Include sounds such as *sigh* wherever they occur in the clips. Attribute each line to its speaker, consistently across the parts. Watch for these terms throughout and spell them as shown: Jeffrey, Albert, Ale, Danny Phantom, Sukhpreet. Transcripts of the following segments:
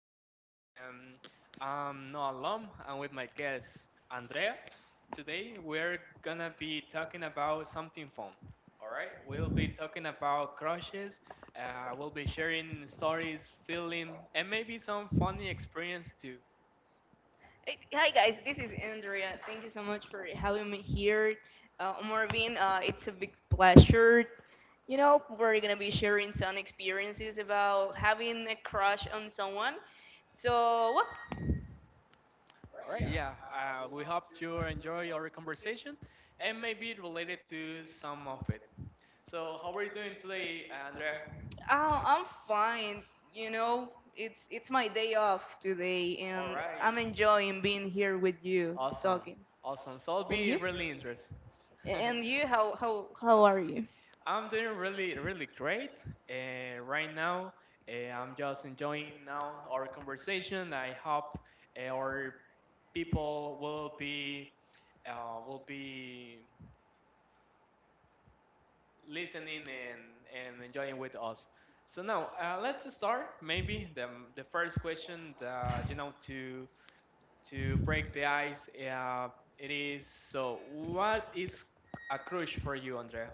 Speaker 1: Marvin, and I'm not alone. I'm with my guest Andrea. Today we're gonna be talking about something fun. All right, we'll be talking about crushes. We'll be sharing stories, feeling, and maybe some funny experience too.
Speaker 2: Hi guys, this is Andrea. Thank you so much for having me here. Marvin, it's a big pleasure. You know, we're gonna be sharing some experiences about having a crush on someone. So, well,
Speaker 1: All right, yeah. We hope you enjoy our conversation, and maybe related to some of it. So, how are you doing today, Andrea?
Speaker 2: I'm fine. You know, it's my day off today,
Speaker 1: All
Speaker 2: and
Speaker 1: right.
Speaker 2: I'm enjoying being here with you,
Speaker 1: Awesome.
Speaker 2: talking.
Speaker 1: Awesome. So I'll
Speaker 2: And you?
Speaker 1: be really interested. *laughs*
Speaker 2: And you? How are you?
Speaker 1: I'm doing really, really great. Right now, I'm just enjoying now our conversation. I hope our people will be will be listening and enjoying with us. So now let's start. Maybe the first question, that, you know, to break the ice. It is so. What is a crush for you, Andrea?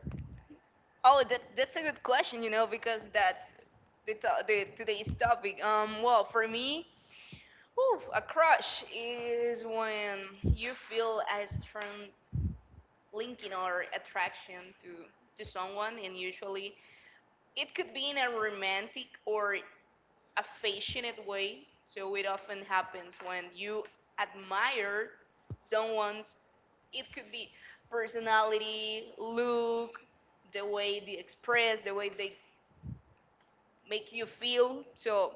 Speaker 2: Oh, that's a good question, you know, because that's the, the today's topic. Well, for me, whew, a crush is when you feel a strong linking or attraction to someone, and usually it could be in a romantic or affectionate way. So it often happens when you admire someone's. It could be personality, look, the way they express, the way they make you feel. So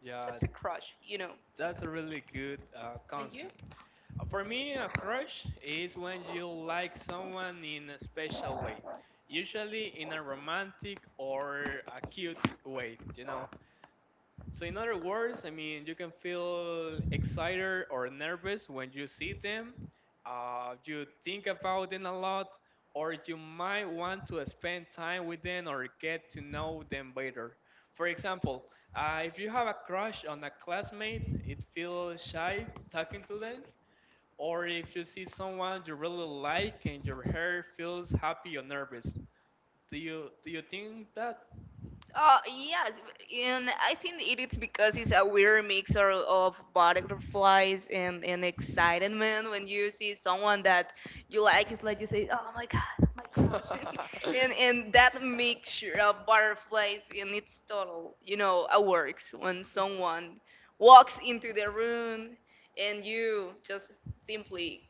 Speaker 1: Yeah,
Speaker 2: that's a crush, you know.
Speaker 1: that's a really good
Speaker 2: And you?
Speaker 1: concept. For me, a crush is when you like someone in a special way, usually in a romantic or a cute way, you know. So in other words, I mean, you can feel excited or nervous when you see them. You think about them a lot, or you might want to spend time with them or get to know them better. For example, if you have a crush on a classmate, it feels shy talking to them. Or if you see someone you really like and your hair feels happy or nervous. Do you think that?
Speaker 2: Yes, and I think it is because it's a weird mix of butterflies and excitement when you see someone that you like. It's like you say, "Oh my God, my crush," *laughs* and
Speaker 1: *laughs*
Speaker 2: that mixture of butterflies and it's total, you know, it works when someone walks into the room and you just simply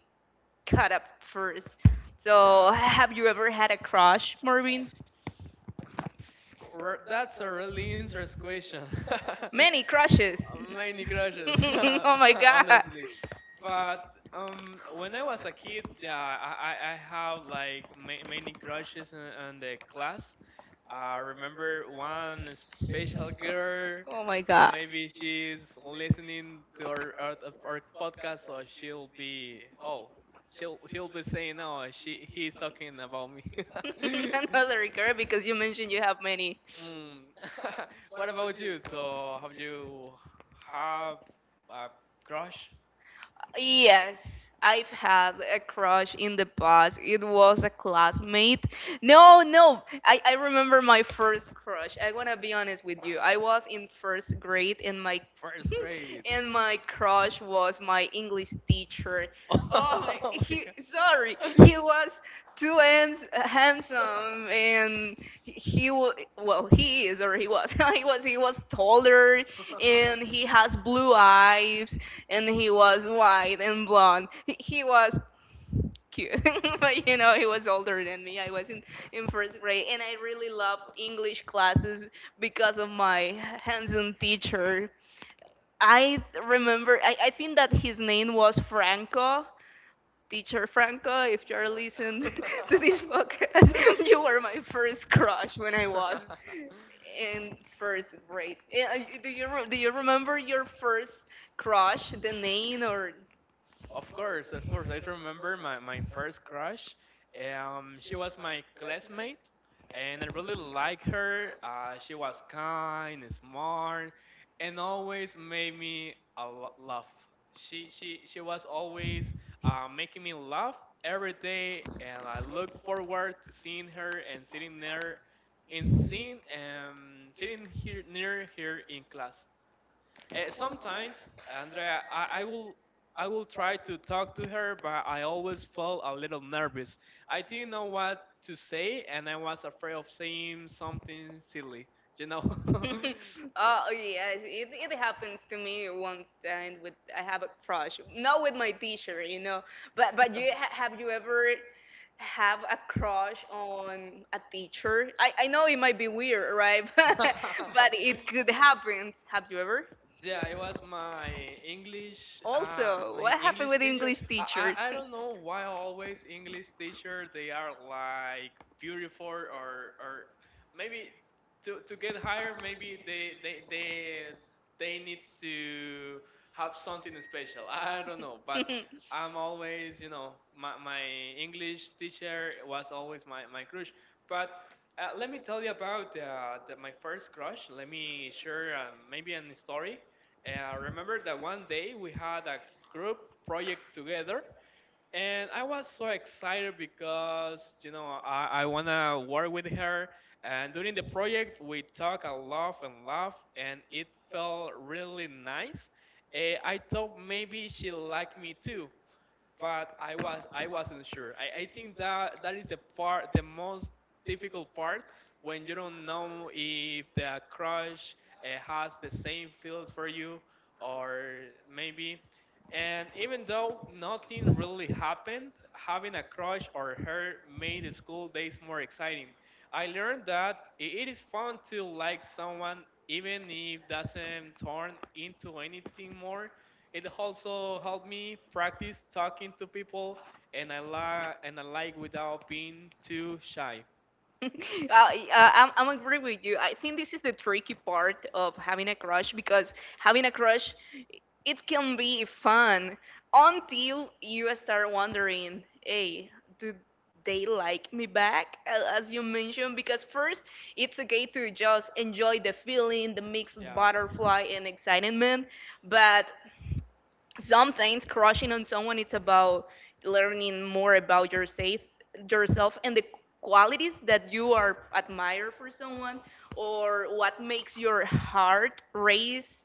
Speaker 2: cut up first. So,
Speaker 1: Yeah.
Speaker 2: have you ever had a crush, Marvin?
Speaker 1: That's a really interesting question. *laughs*
Speaker 2: *laughs* Many crushes.
Speaker 1: Many crushes,
Speaker 2: *laughs* Oh
Speaker 1: *laughs*
Speaker 2: my god.
Speaker 1: honestly. But when I was a kid, yeah, I have like many crushes in the class. I remember one special girl.
Speaker 2: Oh my god.
Speaker 1: Maybe she's listening to our podcast, so she'll be oh, she'll be saying, "Oh, she he's talking about me."
Speaker 2: *laughs*
Speaker 1: *laughs*
Speaker 2: Another girl because you mentioned you have many.
Speaker 1: Mm. *laughs* What about you? So, have you have a crush?
Speaker 2: Yes, I've had a crush in the past. It was a classmate. No, no, I remember my first crush. I want to be honest with you. I was in first grade and my
Speaker 1: First
Speaker 2: *laughs*
Speaker 1: grade.
Speaker 2: and my
Speaker 1: *laughs*
Speaker 2: crush was my English teacher.
Speaker 1: Oh
Speaker 2: Oh,
Speaker 1: my
Speaker 2: my,
Speaker 1: god.
Speaker 2: he sorry.
Speaker 1: *laughs*
Speaker 2: He was too handsome and he well he is or he was *laughs* he was taller and he has blue eyes and he was white and blonde. He was cute *laughs* but you know he was older than me. I was in first grade and I really loved English classes because of my handsome teacher. I remember I think that his name was Franco. Teacher Franco, if you're listening
Speaker 1: Oh
Speaker 2: *laughs* to this podcast, *laughs* you were my first crush when I
Speaker 1: my-
Speaker 2: was
Speaker 1: *laughs* *laughs*
Speaker 2: in first grade. Do you do you remember your first crush, the name or
Speaker 1: Of course, of course. I remember my first crush. She was my classmate, and I really liked her. She was kind, smart, and always made me a laugh. She was always making me laugh every day, and I look forward to seeing her and sitting there, and seeing sitting here near here in class. Sometimes, Andrea, I,
Speaker 2: uh,
Speaker 1: I will I will try to talk to her, but I always felt a little nervous. I didn't know what to say, and I was afraid of saying something silly. You know.
Speaker 2: *laughs* Oh yes, it happens to me once and with I have a crush. Not with my teacher, you know. But you have you ever have a crush on a teacher? I know it might be weird, right? *laughs* But it
Speaker 1: *laughs* *laughs*
Speaker 2: could happen. Have you ever?
Speaker 1: Yeah, it was
Speaker 2: Also,
Speaker 1: my
Speaker 2: what happened
Speaker 1: English
Speaker 2: with
Speaker 1: teacher.
Speaker 2: English
Speaker 1: I,
Speaker 2: teachers?
Speaker 1: I don't know why always English teacher they are like beautiful or maybe to get higher maybe they need to have something special. *laughs* I don't know, but
Speaker 2: *laughs* *laughs*
Speaker 1: I'm always you know my English teacher was always my crush, but. Let me tell you about the, my first crush. Let me share maybe a story. Remember that one day we had a group project together, and I was so excited because you know I wanna work with her. And during the project, we talk a lot and laugh, and it felt really nice. I thought maybe she liked me too, but I wasn't sure. I think that that is the part the most difficult part when you don't know if the crush has the same feels for you or maybe. And even though nothing really happened, having a crush or her made the school days more exciting. I learned that it is fun to like someone even if doesn't turn into anything more it also helped me practice talking to people, and I like without being too shy.
Speaker 2: *laughs* I'm agree with you. I think this is the tricky part of having a crush because having a crush, it can be fun until you start wondering, hey, do they like me back? As you mentioned, because first it's okay to just enjoy the feeling, the mixed
Speaker 1: Yeah,
Speaker 2: butterfly and excitement, but sometimes crushing on someone it's about learning more about yourself and the qualities that you are admire for someone or what makes your heart race.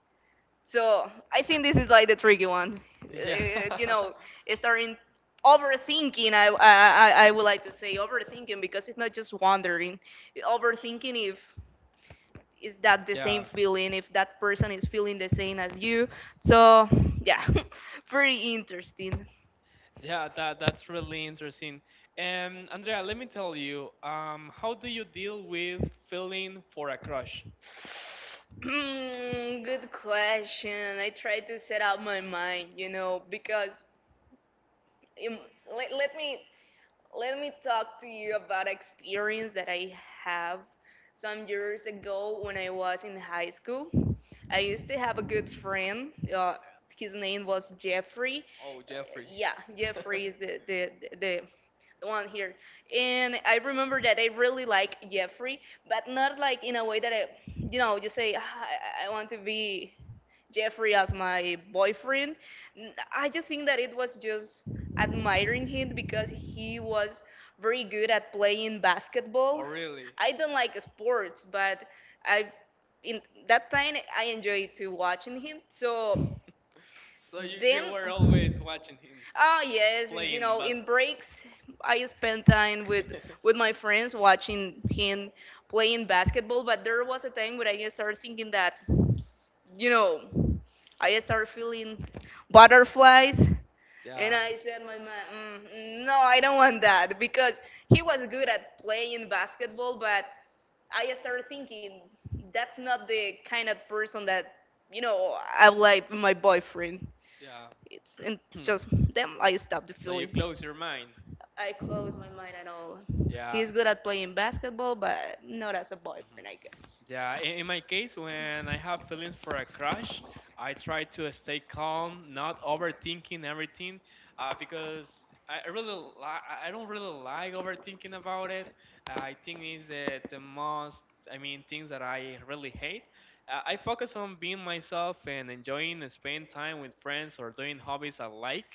Speaker 2: So I think this is like the tricky one.
Speaker 1: yeah,
Speaker 2: You know
Speaker 1: *laughs*
Speaker 2: starting overthinking. I would like to say overthinking because it's not just wondering overthinking if is that the same
Speaker 1: yeah.
Speaker 2: feeling if that person is feeling the same as you. So yeah, *laughs* very interesting.
Speaker 1: Yeah, that's really interesting. And Andrea, let me tell you, how do you deal with feeling for a crush?
Speaker 2: *clears throat* Good question. I try to set out my mind, you know, because im- let me let me talk to you about experience that I have some years ago when I was in high school. I used to have a good friend. His name was Jeffrey.
Speaker 1: Oh,
Speaker 2: Uh,
Speaker 1: Jeffrey.
Speaker 2: Yeah, Jeffrey is the one here, and I remember that I really like Jeffrey, but not like in a way that I, you know, you say "Ah, I want to be Jeffrey as my boyfriend." I just think that it was just admiring him because he was very good at playing
Speaker 1: Oh,
Speaker 2: basketball.
Speaker 1: really?
Speaker 2: I don't like sports, but I in that time I enjoyed to watching him. So
Speaker 1: So you,
Speaker 2: then.
Speaker 1: you were always watching him
Speaker 2: Oh yes, you
Speaker 1: playing
Speaker 2: know, in
Speaker 1: basketball.
Speaker 2: breaks, I spend time with
Speaker 1: *laughs*
Speaker 2: my friends watching him playing basketball. But there was a time where I started thinking that, you know, I started feeling butterflies, and
Speaker 1: Yeah.
Speaker 2: I said, "My man, mm, no, I don't want that," because he was good at playing basketball, but I started thinking that's not the kind of person that, you know, I would like my boyfriend.
Speaker 1: Yeah.
Speaker 2: It's and just then I stopped the
Speaker 1: *clears throat* So you
Speaker 2: feeling.
Speaker 1: close your mind.
Speaker 2: I closed my mind at all.
Speaker 1: Yeah.
Speaker 2: He's good at playing basketball, but not as a
Speaker 1: Mhm.
Speaker 2: boyfriend, I guess.
Speaker 1: Yeah, in my case, when I have feelings for a crush, I try to stay calm, not overthinking everything, because I don't really like overthinking about it. I think it's the most, I mean, things that I really hate. I focus on being myself and enjoying and spending time with friends or doing hobbies I like.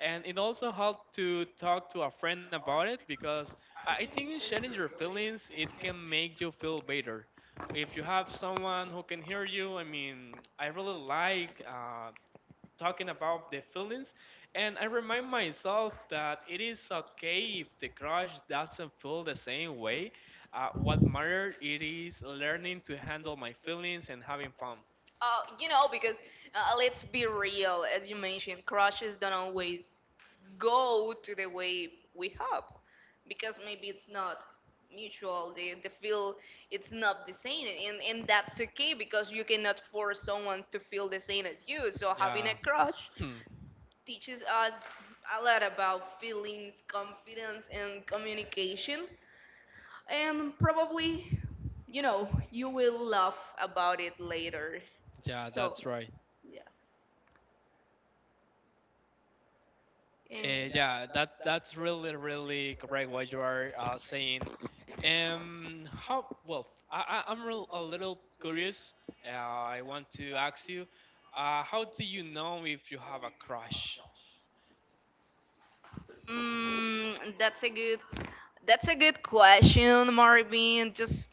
Speaker 1: And it also helped to talk to a friend about it because I think sharing your feelings, it can make you feel better if you have someone who can hear you, I mean, I really like talking about the feelings, and I remind myself that it is okay if the crush doesn't feel the same way. What matters it is learning to handle my feelings and having fun.
Speaker 2: You know, because let's be real, as you mentioned, crushes don't always go to the way we hope because maybe it's not mutual. The feel it's not the same, and that's okay because you cannot force someone to feel the same as you. So having a
Speaker 1: Yeah,
Speaker 2: crush
Speaker 1: *clears throat*
Speaker 2: teaches us a lot about feelings, confidence, and communication, and probably you know you will laugh about it later.
Speaker 1: yeah, that's
Speaker 2: So,
Speaker 1: right.
Speaker 2: yeah. And
Speaker 1: Yeah, that's really really correct what you are saying. How, well, I'm real, a little curious. I want to ask you, how do you know if you have a crush?
Speaker 2: mm, that's a good question, Marvin. Just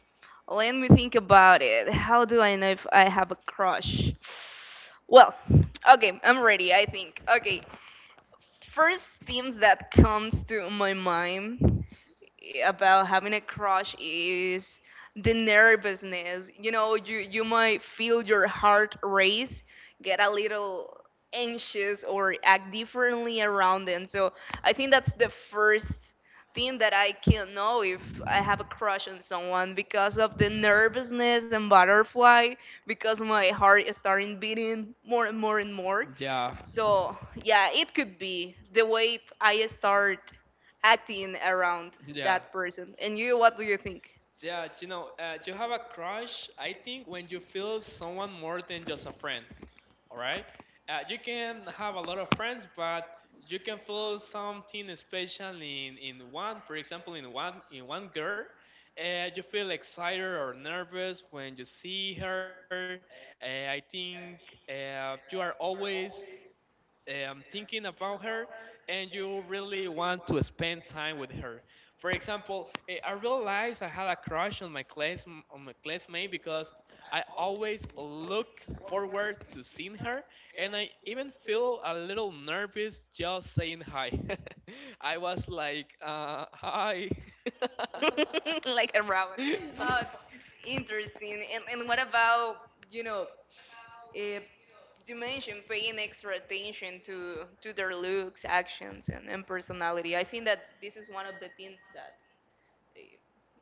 Speaker 2: let me think about it. How do I know if I have a crush? Well, okay, I'm ready, I think. Okay. First things that comes to my mind about having a crush is the nervousness. You know, you might feel your heart race, get a little anxious or act differently around them. So I think that's the first thing that I can know if I have a crush on someone because of the nervousness and butterfly, because my heart is starting beating more and more and more.
Speaker 1: Yeah,
Speaker 2: So yeah, it could be the way I start acting around
Speaker 1: yeah,
Speaker 2: that person. And you, what do you think?
Speaker 1: yeah. You know, you have a crush, I think, when you feel someone more than just a friend. All right? You can have a lot of friends, but you can feel something special in one, for example, in one girl. You feel excited or nervous when you see her. I think you are always thinking about her and you really want to spend time with her. For example, I realized I had a crush on my class on my classmate because I always look forward to seeing her, and I even feel a little nervous just saying hi. *laughs* I was like, "Hi."
Speaker 2: *laughs* Like around. Uh,
Speaker 1: *laughs*
Speaker 2: interesting. And what about, you know, if you mentioned paying extra attention to their looks, actions, and personality. I think that this is one of the things that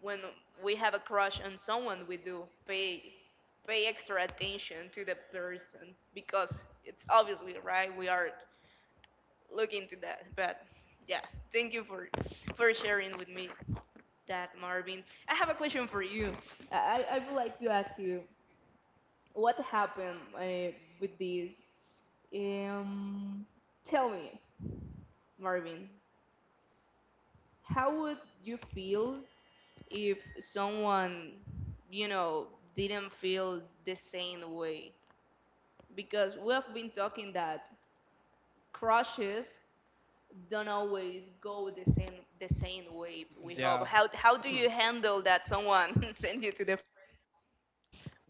Speaker 2: when we have a crush on someone, we do pay extra attention to the person because it's obviously right. We are looking to that, but yeah, thank you for sharing with me that, Marvin. I have a question for you. I I would like to ask you what happened with this. Um, tell me, Marvin, how would you feel if someone, you know, didn't feel the same way. Because we have been talking that crushes don't always go the same way we
Speaker 1: Yeah.
Speaker 2: hope. How do
Speaker 1: *clears throat*
Speaker 2: you handle that someone *laughs* send you to the friend zone?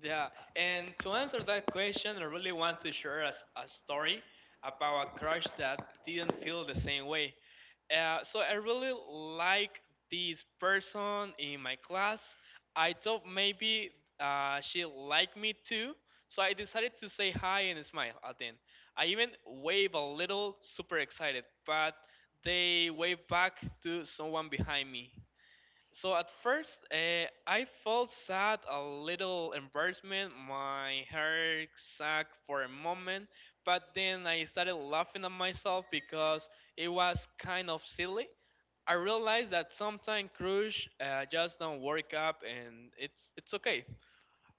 Speaker 1: Yeah, and to answer that question, I really want to share a, a story about a crush that didn't feel the same way. So I really like this person in my class. I thought maybe she liked me too, so I decided to say hi and smile at them. I even wave a little, super excited, but they wave back to someone behind me. So at first, I felt sad, a little embarrassment. My heart sank for a moment, but then I started laughing at myself because it was kind of silly. I realized that sometimes crush just don't work up, and it's okay.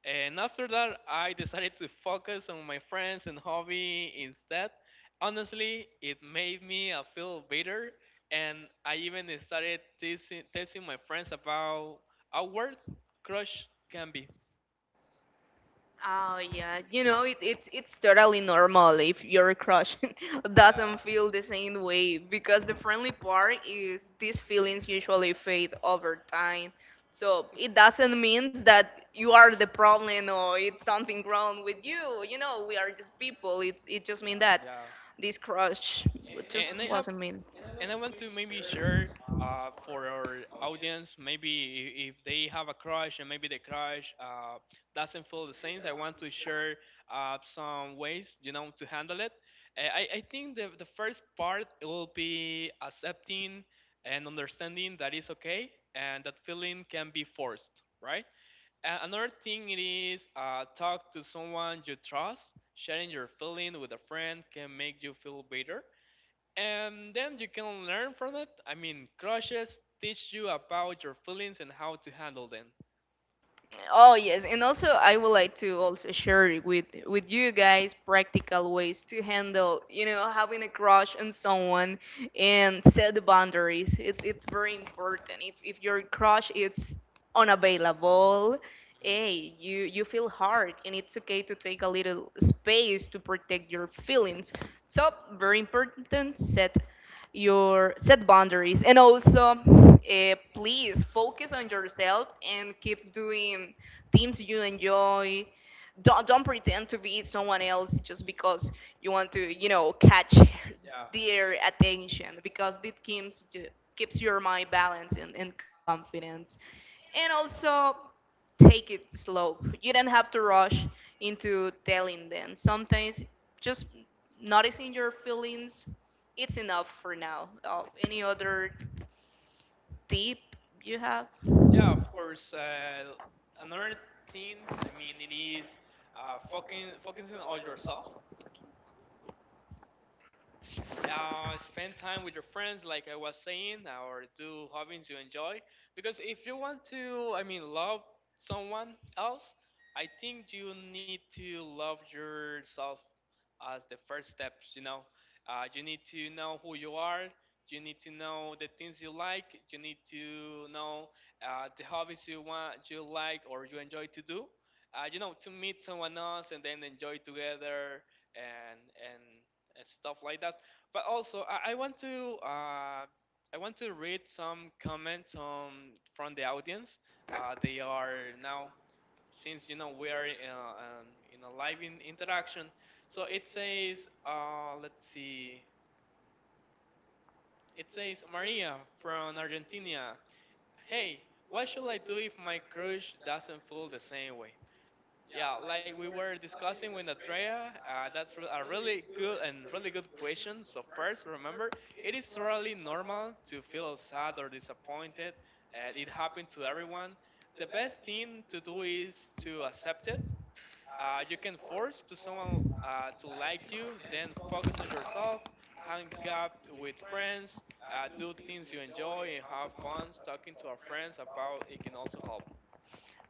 Speaker 1: And after that, I decided to focus on my friends and hobby instead. Honestly, it made me feel better, and I even started testing, testing my friends about how work crush can be.
Speaker 2: Oh yeah, you know, it's totally normal if your crush *laughs* doesn't
Speaker 1: Yeah.
Speaker 2: feel the same way because the friendly part is these feelings usually fade over time. So it doesn't
Speaker 1: *laughs*
Speaker 2: mean that you are the problem or it's something wrong with you. You know, we are just people. It just mean
Speaker 1: Yeah.
Speaker 2: that this crush
Speaker 1: And I
Speaker 2: just
Speaker 1: have
Speaker 2: wasn't meant.
Speaker 1: And I want to maybe share for our audience, maybe if they have a crush and maybe the crush doesn't feel the same, I want to share some ways, you know, to handle it. I think the first part it will be accepting and understanding that it's okay and that feeling can be forced, right? Another thing it is talk to someone you trust. Sharing your feeling with a friend can make you feel better and then you can learn from it. I mean, crushes teach you about your feelings and how to handle them.
Speaker 2: Oh yes, and also I would like to also share with you guys practical ways to handle, you know, having a crush on someone and set the boundaries. It's very important. If your crush is unavailable, hey, you feel hard, and it's okay to take a little space to protect your feelings. So very important. Set your set boundaries and also please focus on yourself and keep doing things you enjoy. Don't pretend to be someone else just because you want to, you know, catch
Speaker 1: Yeah,
Speaker 2: their attention because it keeps your mind balanced and confidence and also take it slow. You don't have to rush into telling them. Sometimes just noticing your feelings, it's enough for now. Any other tip you have?
Speaker 1: yeah, of course. Another thing, I mean, it is fucking focusing on yourself. Uh, spend time with your friends, like I was saying, or do hobbies you enjoy. Because if you want to, I mean, love someone else, I think you need to love yourself as the first steps. You know, you need to know who you are. You need to know the things you like. You need to know the hobbies you want, you like, or you enjoy to do. You know, to meet someone else and then enjoy together and and stuff like that. But also, I want to read some comments from the audience. They are now since you know we are in a live in interaction. So it says, let's see. It says Maria from Argentina. Hey, what should I do if my crush doesn't feel the same way? Yeah, like we were discussing with Andrea, that's a really good and really good question. So first, remember, it is totally normal to feel sad or disappointed, and it happened to everyone. The best thing to do is to accept it. You can force to someone to like you, then focus on yourself, hang out with friends, do things you enjoy, and have fun. Talking to our friends about it can also help.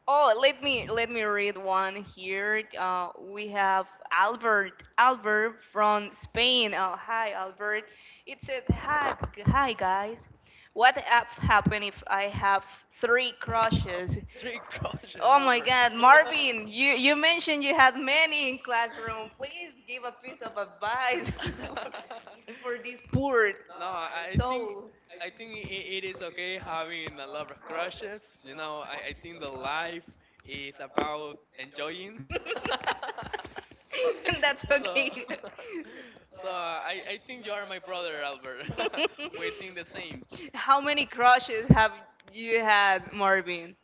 Speaker 2: Oh, let me read one here. We have Albert. Albert from Spain. Oh, hi Albert. It said hi hi guys. What app happen if I have three crushes?
Speaker 1: Three crushes,
Speaker 2: Oh my
Speaker 1: Albert.
Speaker 2: God,
Speaker 1: *laughs* *laughs*
Speaker 2: Marvin, you mentioned you had many in classroom. Please give a piece of advice *laughs* for this poor
Speaker 1: No, I think
Speaker 2: soul.
Speaker 1: I think i- it is okay having a lot of crushes. You know, I think the life is about enjoying.
Speaker 2: *laughs* That's
Speaker 1: *laughs* so
Speaker 2: okay. *laughs*
Speaker 1: so I think you are my brother, Albert. *laughs* We think the same.
Speaker 2: How many crushes have you had, Marvin?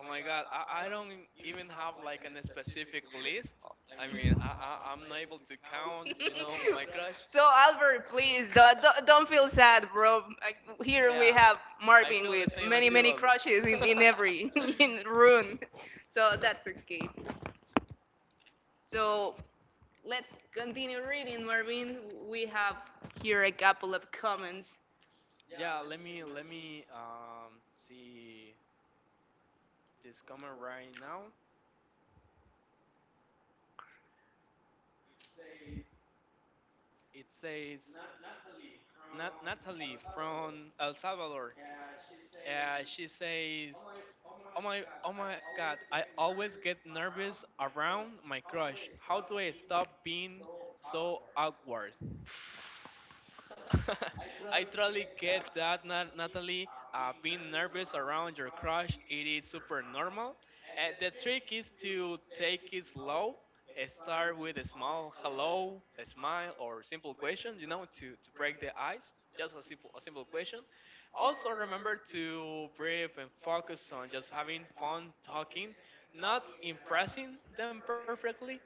Speaker 1: Oh my God, I don't even have like an specific list. I mean, I'm not able to count, you know,
Speaker 2: *laughs*
Speaker 1: my crush.
Speaker 2: So Albert, please
Speaker 1: *laughs*
Speaker 2: don't feel sad, bro. Like, here we
Speaker 1: Yeah,
Speaker 2: have
Speaker 1: I
Speaker 2: Marvin
Speaker 1: feel
Speaker 2: with
Speaker 1: the same as you,
Speaker 2: many
Speaker 1: Albert.
Speaker 2: crushes in
Speaker 1: *laughs*
Speaker 2: every *laughs* in room, so that's okay. So let's continue reading, Marvin. We have here a couple of comments.
Speaker 1: Yeah, let me see this comment right now. It says Natalie from El Salvador. She says oh my, oh my God! I always get nervous around my crush. How do I stop being so awkward? *laughs* I totally get that, Natalie. Being nervous around your crush, it is super normal. The trick is to take it slow. Start with a small hello, a smile, or simple question. You know, to break the ice. Just a simple question. Also, remember to breathe and focus on just having fun talking, not impressing them perfectly.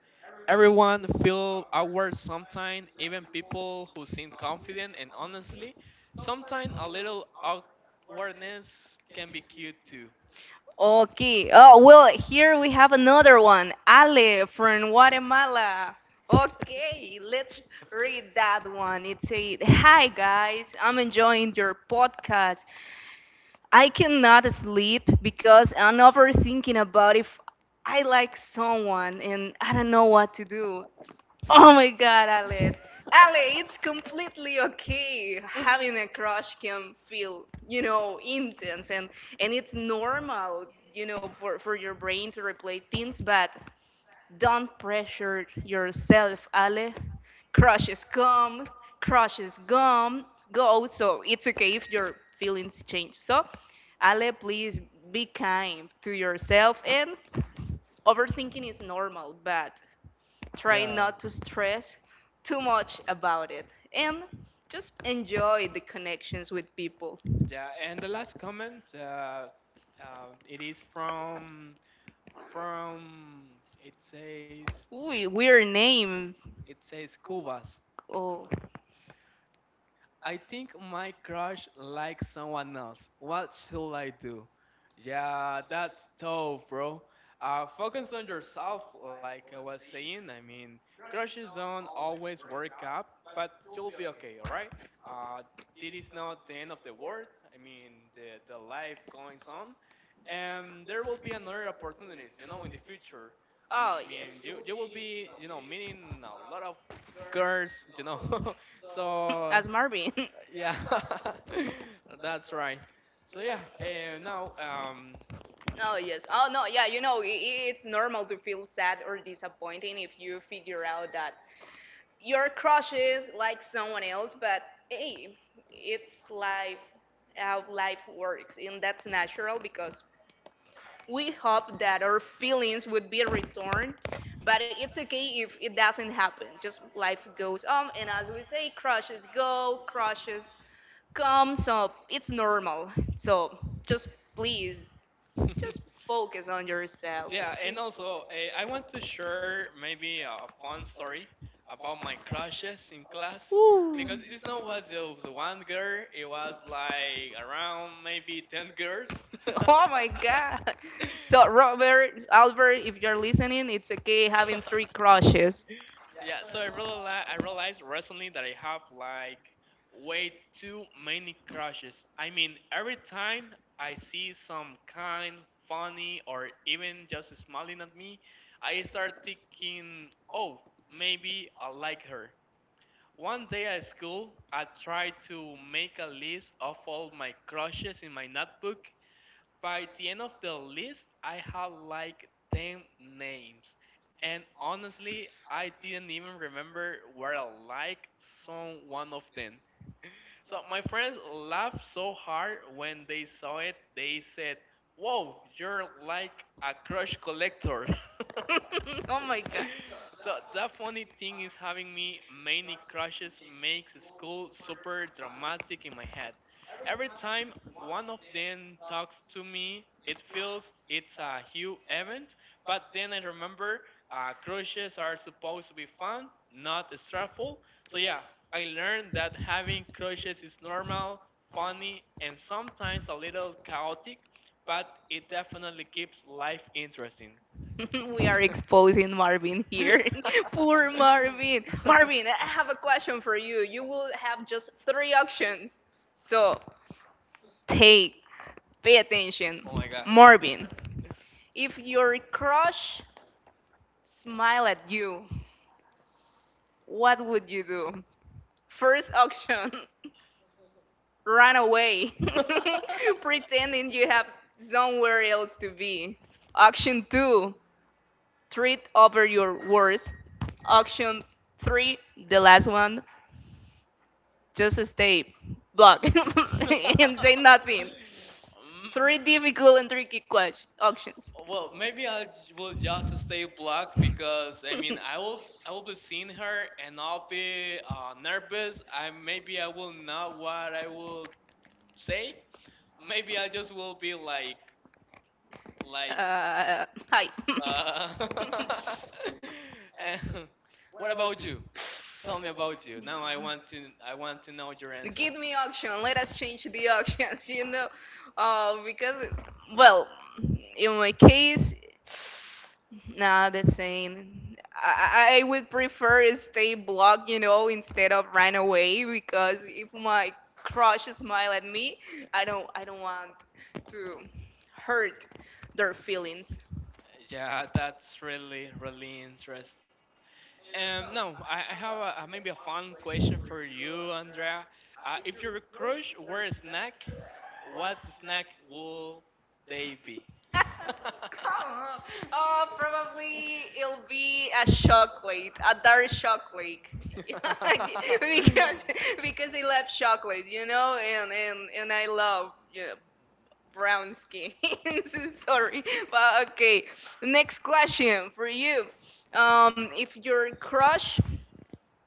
Speaker 1: Everyone feel awkward sometimes, even people who seem confident, and honestly, sometimes a little awkwardness can be cute too.
Speaker 2: Okay. Oh, well, here we have another one. Ale from Guatemala. Okay, let's read that one. It said, hi guys, I'm enjoying your podcast. I cannot sleep because I'm overthinking about if I like someone and I don't know what to do. Oh my god, Ale. Ale, it's completely okay. Having a crush can feel, you know, intense and it's normal, you know, for your brain to replay things, but don't pressure yourself, Ale. Crushes come, crushes go. So it's okay if your feelings change. So, Ale, please be kind to yourself, and overthinking is normal, but try
Speaker 1: Yeah.
Speaker 2: not to stress too much about it and just enjoy the connections with people.
Speaker 1: Yeah, and the last comment, it is from it says
Speaker 2: Ooh, weird name.
Speaker 1: it says Cubas.
Speaker 2: Oh,
Speaker 1: I think my crush likes someone else. What should I do? Yeah, that's tough, bro. Focus on yourself, like I was saying. I mean, crushes don't always work out, but you'll be okay, alright? Uh, this is not the end of the world. I mean, the life goes on. And there will be another opportunities, you know, in the future. I
Speaker 2: oh
Speaker 1: mean,
Speaker 2: yes.
Speaker 1: you will be, you know, meeting a lot of girls, you know, *laughs* so
Speaker 2: As Marvin. *laughs*
Speaker 1: yeah *laughs* that's right, so yeah. And now
Speaker 2: Oh yes. Oh no. Yeah. It's normal to feel sad or disappointing if you figure out that your crush is like someone else, but hey, it's life, how life works, and that's natural because we hope that our feelings would be returned, but it's okay if it doesn't happen. Just life goes on, and as we say, crushes go, crushes come, so it's normal. So just please, just focus on
Speaker 1: *laughs*
Speaker 2: yourself,
Speaker 1: yeah,
Speaker 2: okay?
Speaker 1: and also I want to share maybe a fun story about my crushes in class, because it's not was just one girl, it was like around maybe 10 girls.
Speaker 2: *laughs* Oh my God. So Robert, Albert, if you're listening, it's okay having
Speaker 1: *laughs*
Speaker 2: three crushes.
Speaker 1: Yeah, so I realized recently that I have like way too many crushes. I mean, every time I see some kind, funny, or even just smiling at me, I start thinking, oh, maybe I like her. One day at school, I tried to make a list of all my crushes in my notebook. By the end of the list, I had like 10 names. And honestly, I didn't even remember where I like some one of them. So my friends laughed so hard when they saw it, they said, whoa, you're like a crush collector. *laughs*
Speaker 2: *laughs* Oh
Speaker 1: *laughs*
Speaker 2: my God.
Speaker 1: So that funny thing is having me many crushes makes school super dramatic in my head. Every time one of them talks to me, it feels it's a huge event. But then I remember, crushes are supposed to be fun, not stressful. So yeah, I learned that having crushes is normal, funny, and sometimes a little chaotic, but it definitely keeps life interesting.
Speaker 2: *laughs* We are exposing Marvin here. *laughs* Poor Marvin. Marvin, I have a question for you. You will have just three options. So take, pay
Speaker 1: Oh
Speaker 2: attention.
Speaker 1: my god.
Speaker 2: Marvin, if your crush smile at you, what would you do? First option, *laughs* run away, *laughs* pretending you have somewhere else to be. Option two, treat over your words. Option three, the last one, just stay, block, *laughs* and say
Speaker 1: *laughs*
Speaker 2: nothing.
Speaker 1: Mm,
Speaker 2: Three difficult and tricky questions. Options.
Speaker 1: well,
Speaker 2: Well,
Speaker 1: maybe
Speaker 2: maybe I
Speaker 1: I
Speaker 2: will
Speaker 1: will just
Speaker 2: just
Speaker 1: stay
Speaker 2: stay flat
Speaker 1: black,
Speaker 2: because
Speaker 1: because
Speaker 2: I,
Speaker 1: I mean
Speaker 2: mean, *laughs*
Speaker 1: I
Speaker 2: I will
Speaker 1: will I
Speaker 2: I
Speaker 1: will
Speaker 2: will
Speaker 1: be
Speaker 2: be
Speaker 1: seeing
Speaker 2: seeing her
Speaker 1: her
Speaker 2: and
Speaker 1: and I'll
Speaker 2: I'll be
Speaker 1: be
Speaker 2: uh, nervous.
Speaker 1: nervous.
Speaker 2: I
Speaker 1: I
Speaker 2: maybe
Speaker 1: maybe I
Speaker 2: I will
Speaker 1: will not
Speaker 2: not what
Speaker 1: what
Speaker 2: I
Speaker 1: I
Speaker 2: will
Speaker 1: will say. Maybe I just will be like like.
Speaker 2: Uh, hi. *laughs*
Speaker 1: Uh, *laughs* and what about you? Tell me about you. Now I want to know your answer.
Speaker 2: Give me auction. Let us change the auctions, *laughs* because well, in my case, nah, the same. I would prefer stay blocked, you know, instead of run away because if my crush smile at me, I don't want to hurt their feelings.
Speaker 1: Yeah, that's really, really interesting. Now I have maybe a fun question for you, Andrea. If your crush were a snack, what snack would they be?
Speaker 2: Come
Speaker 1: *laughs*
Speaker 2: oh, probably it'll be a chocolate, a dark chocolate. *laughs* because because I love chocolate, you know, and I love brown skin. *laughs* Sorry, but okay. Next question for you. If your crush,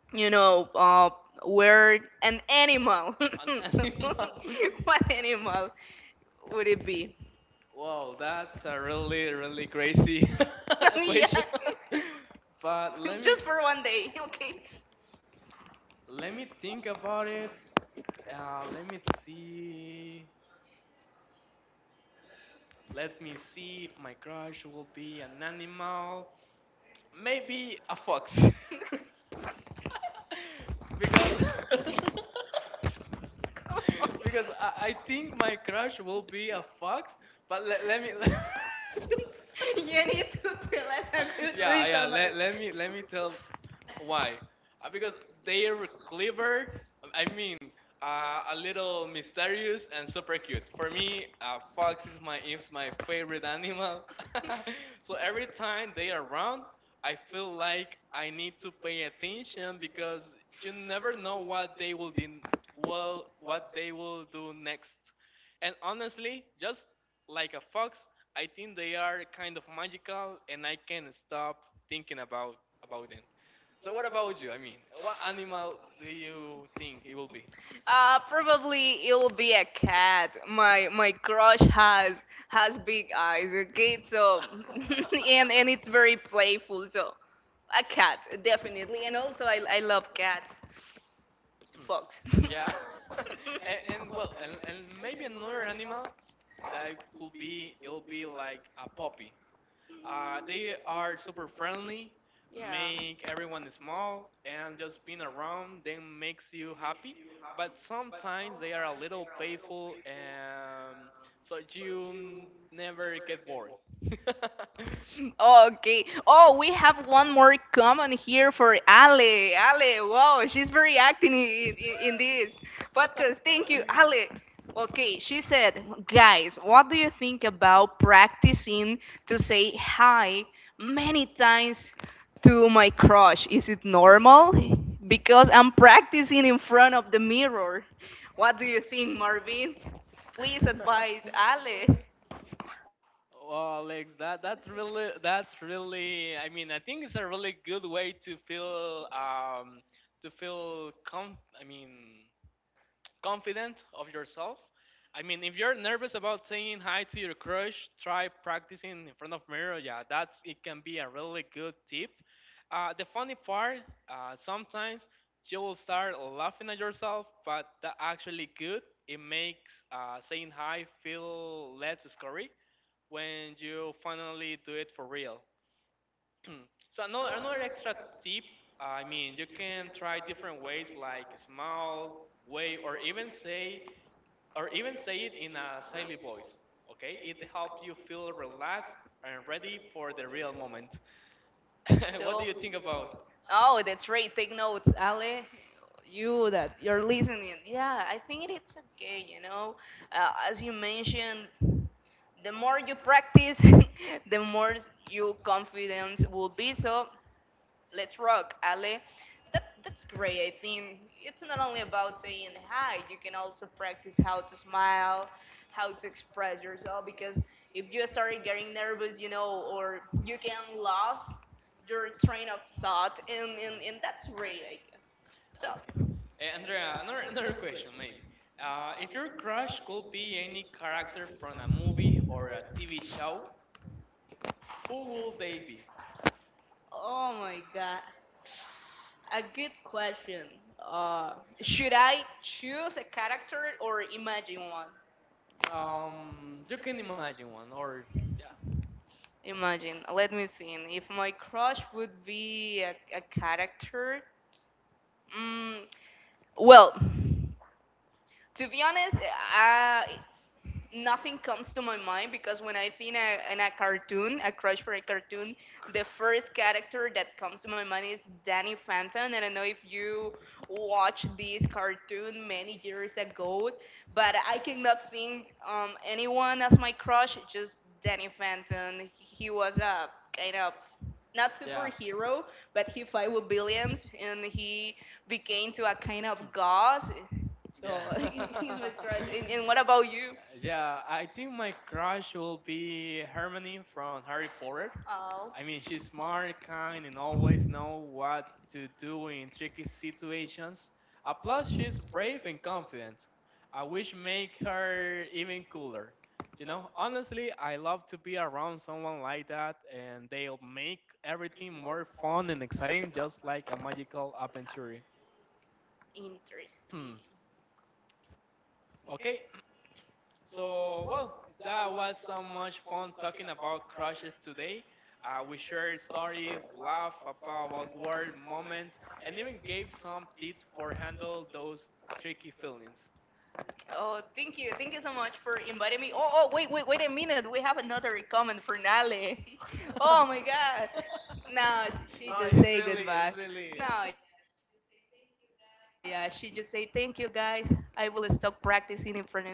Speaker 2: you know, uh, were an animal,
Speaker 1: An animal. *laughs*
Speaker 2: *laughs* what animal would it be?
Speaker 1: Well, that's a really, really crazy *laughs*
Speaker 2: *laughs*
Speaker 1: question.
Speaker 2: Yeah.
Speaker 1: *laughs* But
Speaker 2: *laughs*
Speaker 1: let me
Speaker 2: Just for one day, okay?
Speaker 1: let me think about it. Let me see. Let me see if my crush will be an animal. Maybe a fox.
Speaker 2: *laughs*
Speaker 1: *laughs* Because *laughs* because I think my crush will be a fox. But let, let me. *laughs*
Speaker 2: You need to tell us a good
Speaker 1: Yeah, yeah.
Speaker 2: reason.
Speaker 1: Let, let me let me tell why? Because they're clever. I mean, a little mysterious and super cute. For me, a fox is my favorite animal. *laughs* So every time they are around, I feel like I need to pay attention, because you never know what they will do, well, what they will do next. And honestly, just like a fox, I think they are kind of magical, and I can't stop thinking about them. So what about you? I mean, what animal do you think it will be?
Speaker 2: Probably it will be a cat. My crush has big eyes, okay? So *laughs* and it's very playful. So a cat, definitely. And also I love cats. Fox.
Speaker 1: *clears throat* Yeah, *laughs* and, and well, and maybe another animal
Speaker 2: *laughs*
Speaker 1: that could be it'll be like a puppy. They are super friendly, make everyone small, and just being around them makes you happy. But sometimes they are a little playful, and so you never get bored.
Speaker 2: Okay. Oh, we have one more comment here for Ale. Ale, wow, she's very active in this podcast. Thank you, Ale. Okay, she said, guys, what do you think about practicing to say hi many times to my crush? Is it normal? Because I'm practicing in front of the mirror. What do you think, Marvin? Please advise
Speaker 1: *laughs* *laughs*
Speaker 2: Ale.
Speaker 1: Well, Alex, that that's really that's really. I mean, I think it's a really good way to feel com. I mean, confident of yourself. I mean, if you're nervous about saying hi to your crush, try practicing in front of mirror. Yeah, that's it can be a really good tip. The funny part, sometimes you will start laughing at yourself, but that actually good. It makes saying hi feel less scary when you finally do it for real. *clears throat* So another extra tip, I mean, you can try different ways like small way or even say it in a silly voice. Okay, it helps you feel relaxed and ready for the real moment. *laughs* What do
Speaker 2: So,
Speaker 1: you think about?
Speaker 2: oh, that's great. Take notes, Ale. You that you're listening. Yeah, I think it's okay. As you mentioned, the more you practice, *laughs* the more you confidence will be. So let's rock, Ale. That's great, I think. It's not only about saying hi, you can also practice how to smile, how to express yourself, because if you start getting nervous, you know, or you can lose your train of thought, and that's great, I guess.
Speaker 1: Okay,
Speaker 2: So,
Speaker 1: eh, Andrea, another question maybe. If your crush could be any character from a movie or a TV show, who will they be?
Speaker 2: oh my god. A good question. Uh, should I choose a character or imagine one?
Speaker 1: You can imagine one, or yeah,
Speaker 2: Imagine, let me think. If my crush would be a character, mm, well, to be honest, uh, nothing comes to my mind because when I think in a cartoon, a crush for a cartoon, the first character that comes to my mind is Danny Phantom. And I don't know if you watched this cartoon many years ago, but I cannot think anyone as my crush, just Danny Phantom. He was a kind of not
Speaker 1: yeah,
Speaker 2: superhero, but he fight with billions and he became to a kind of god.
Speaker 1: yeah.
Speaker 2: So *laughs* he's my
Speaker 1: *laughs*
Speaker 2: crush. And what about you?
Speaker 1: Yeah, I think my crush will be Hermione from Harry Potter.
Speaker 2: Oh,
Speaker 1: I mean, she's smart, kind, and always know what to do in tricky situations. Plus, she's brave and confident. I wish make her even cooler. You know, honestly, I love to be around someone like that, and they'll make everything more fun and exciting, just like a magical adventure.
Speaker 2: interesting.
Speaker 1: *clears throat* Okay, so, well, that was so much fun talking about crushes today. We shared stories, laughed about awkward moments, and even gave some tips for handle those tricky feelings.
Speaker 2: Oh, thank you. Thank you so much for inviting me. Oh, oh, wait, wait, wait a minute. We have another comment for Nale. *laughs* Oh my God. No,
Speaker 1: *laughs*
Speaker 2: she
Speaker 1: No,
Speaker 2: just
Speaker 1: he's
Speaker 2: say
Speaker 1: really,
Speaker 2: goodbye.
Speaker 1: it's really.
Speaker 2: No, yeah, she just say thank you guys. I will stop practicing in front of the mirror and I will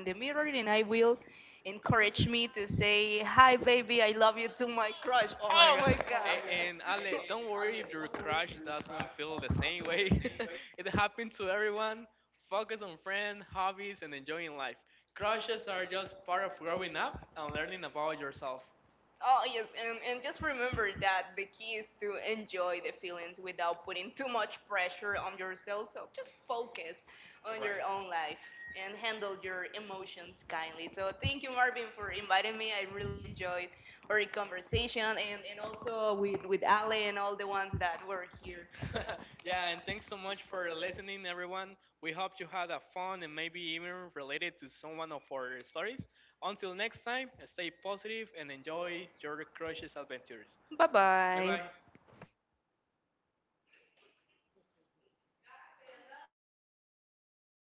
Speaker 2: encourage me to say hi baby, I love you to my crush. Oh my
Speaker 1: Oh
Speaker 2: God.
Speaker 1: my god. *laughs* And Ale, don't worry if your crush doesn't feel the same way.
Speaker 2: *laughs*
Speaker 1: *laughs* It happens to everyone. Focus on friends, hobbies, and enjoying life. Crushes are just part of growing up and learning about yourself.
Speaker 2: Oh yes, and just remember that the key is to enjoy the feelings without putting too much pressure on yourself. So just focus on
Speaker 1: Right.
Speaker 2: your own life and handle your emotions kindly. So thank you, Marvin, for inviting me. I really enjoyed our conversation and also with Ale and all the ones that were here.
Speaker 1: *laughs* Yeah, and thanks so much for listening, everyone. We hope you had a fun and maybe even related to someone of our stories. Until next time, stay positive and enjoy your crushes adventures.
Speaker 2: Bye
Speaker 1: Bye
Speaker 2: bye.
Speaker 1: bye.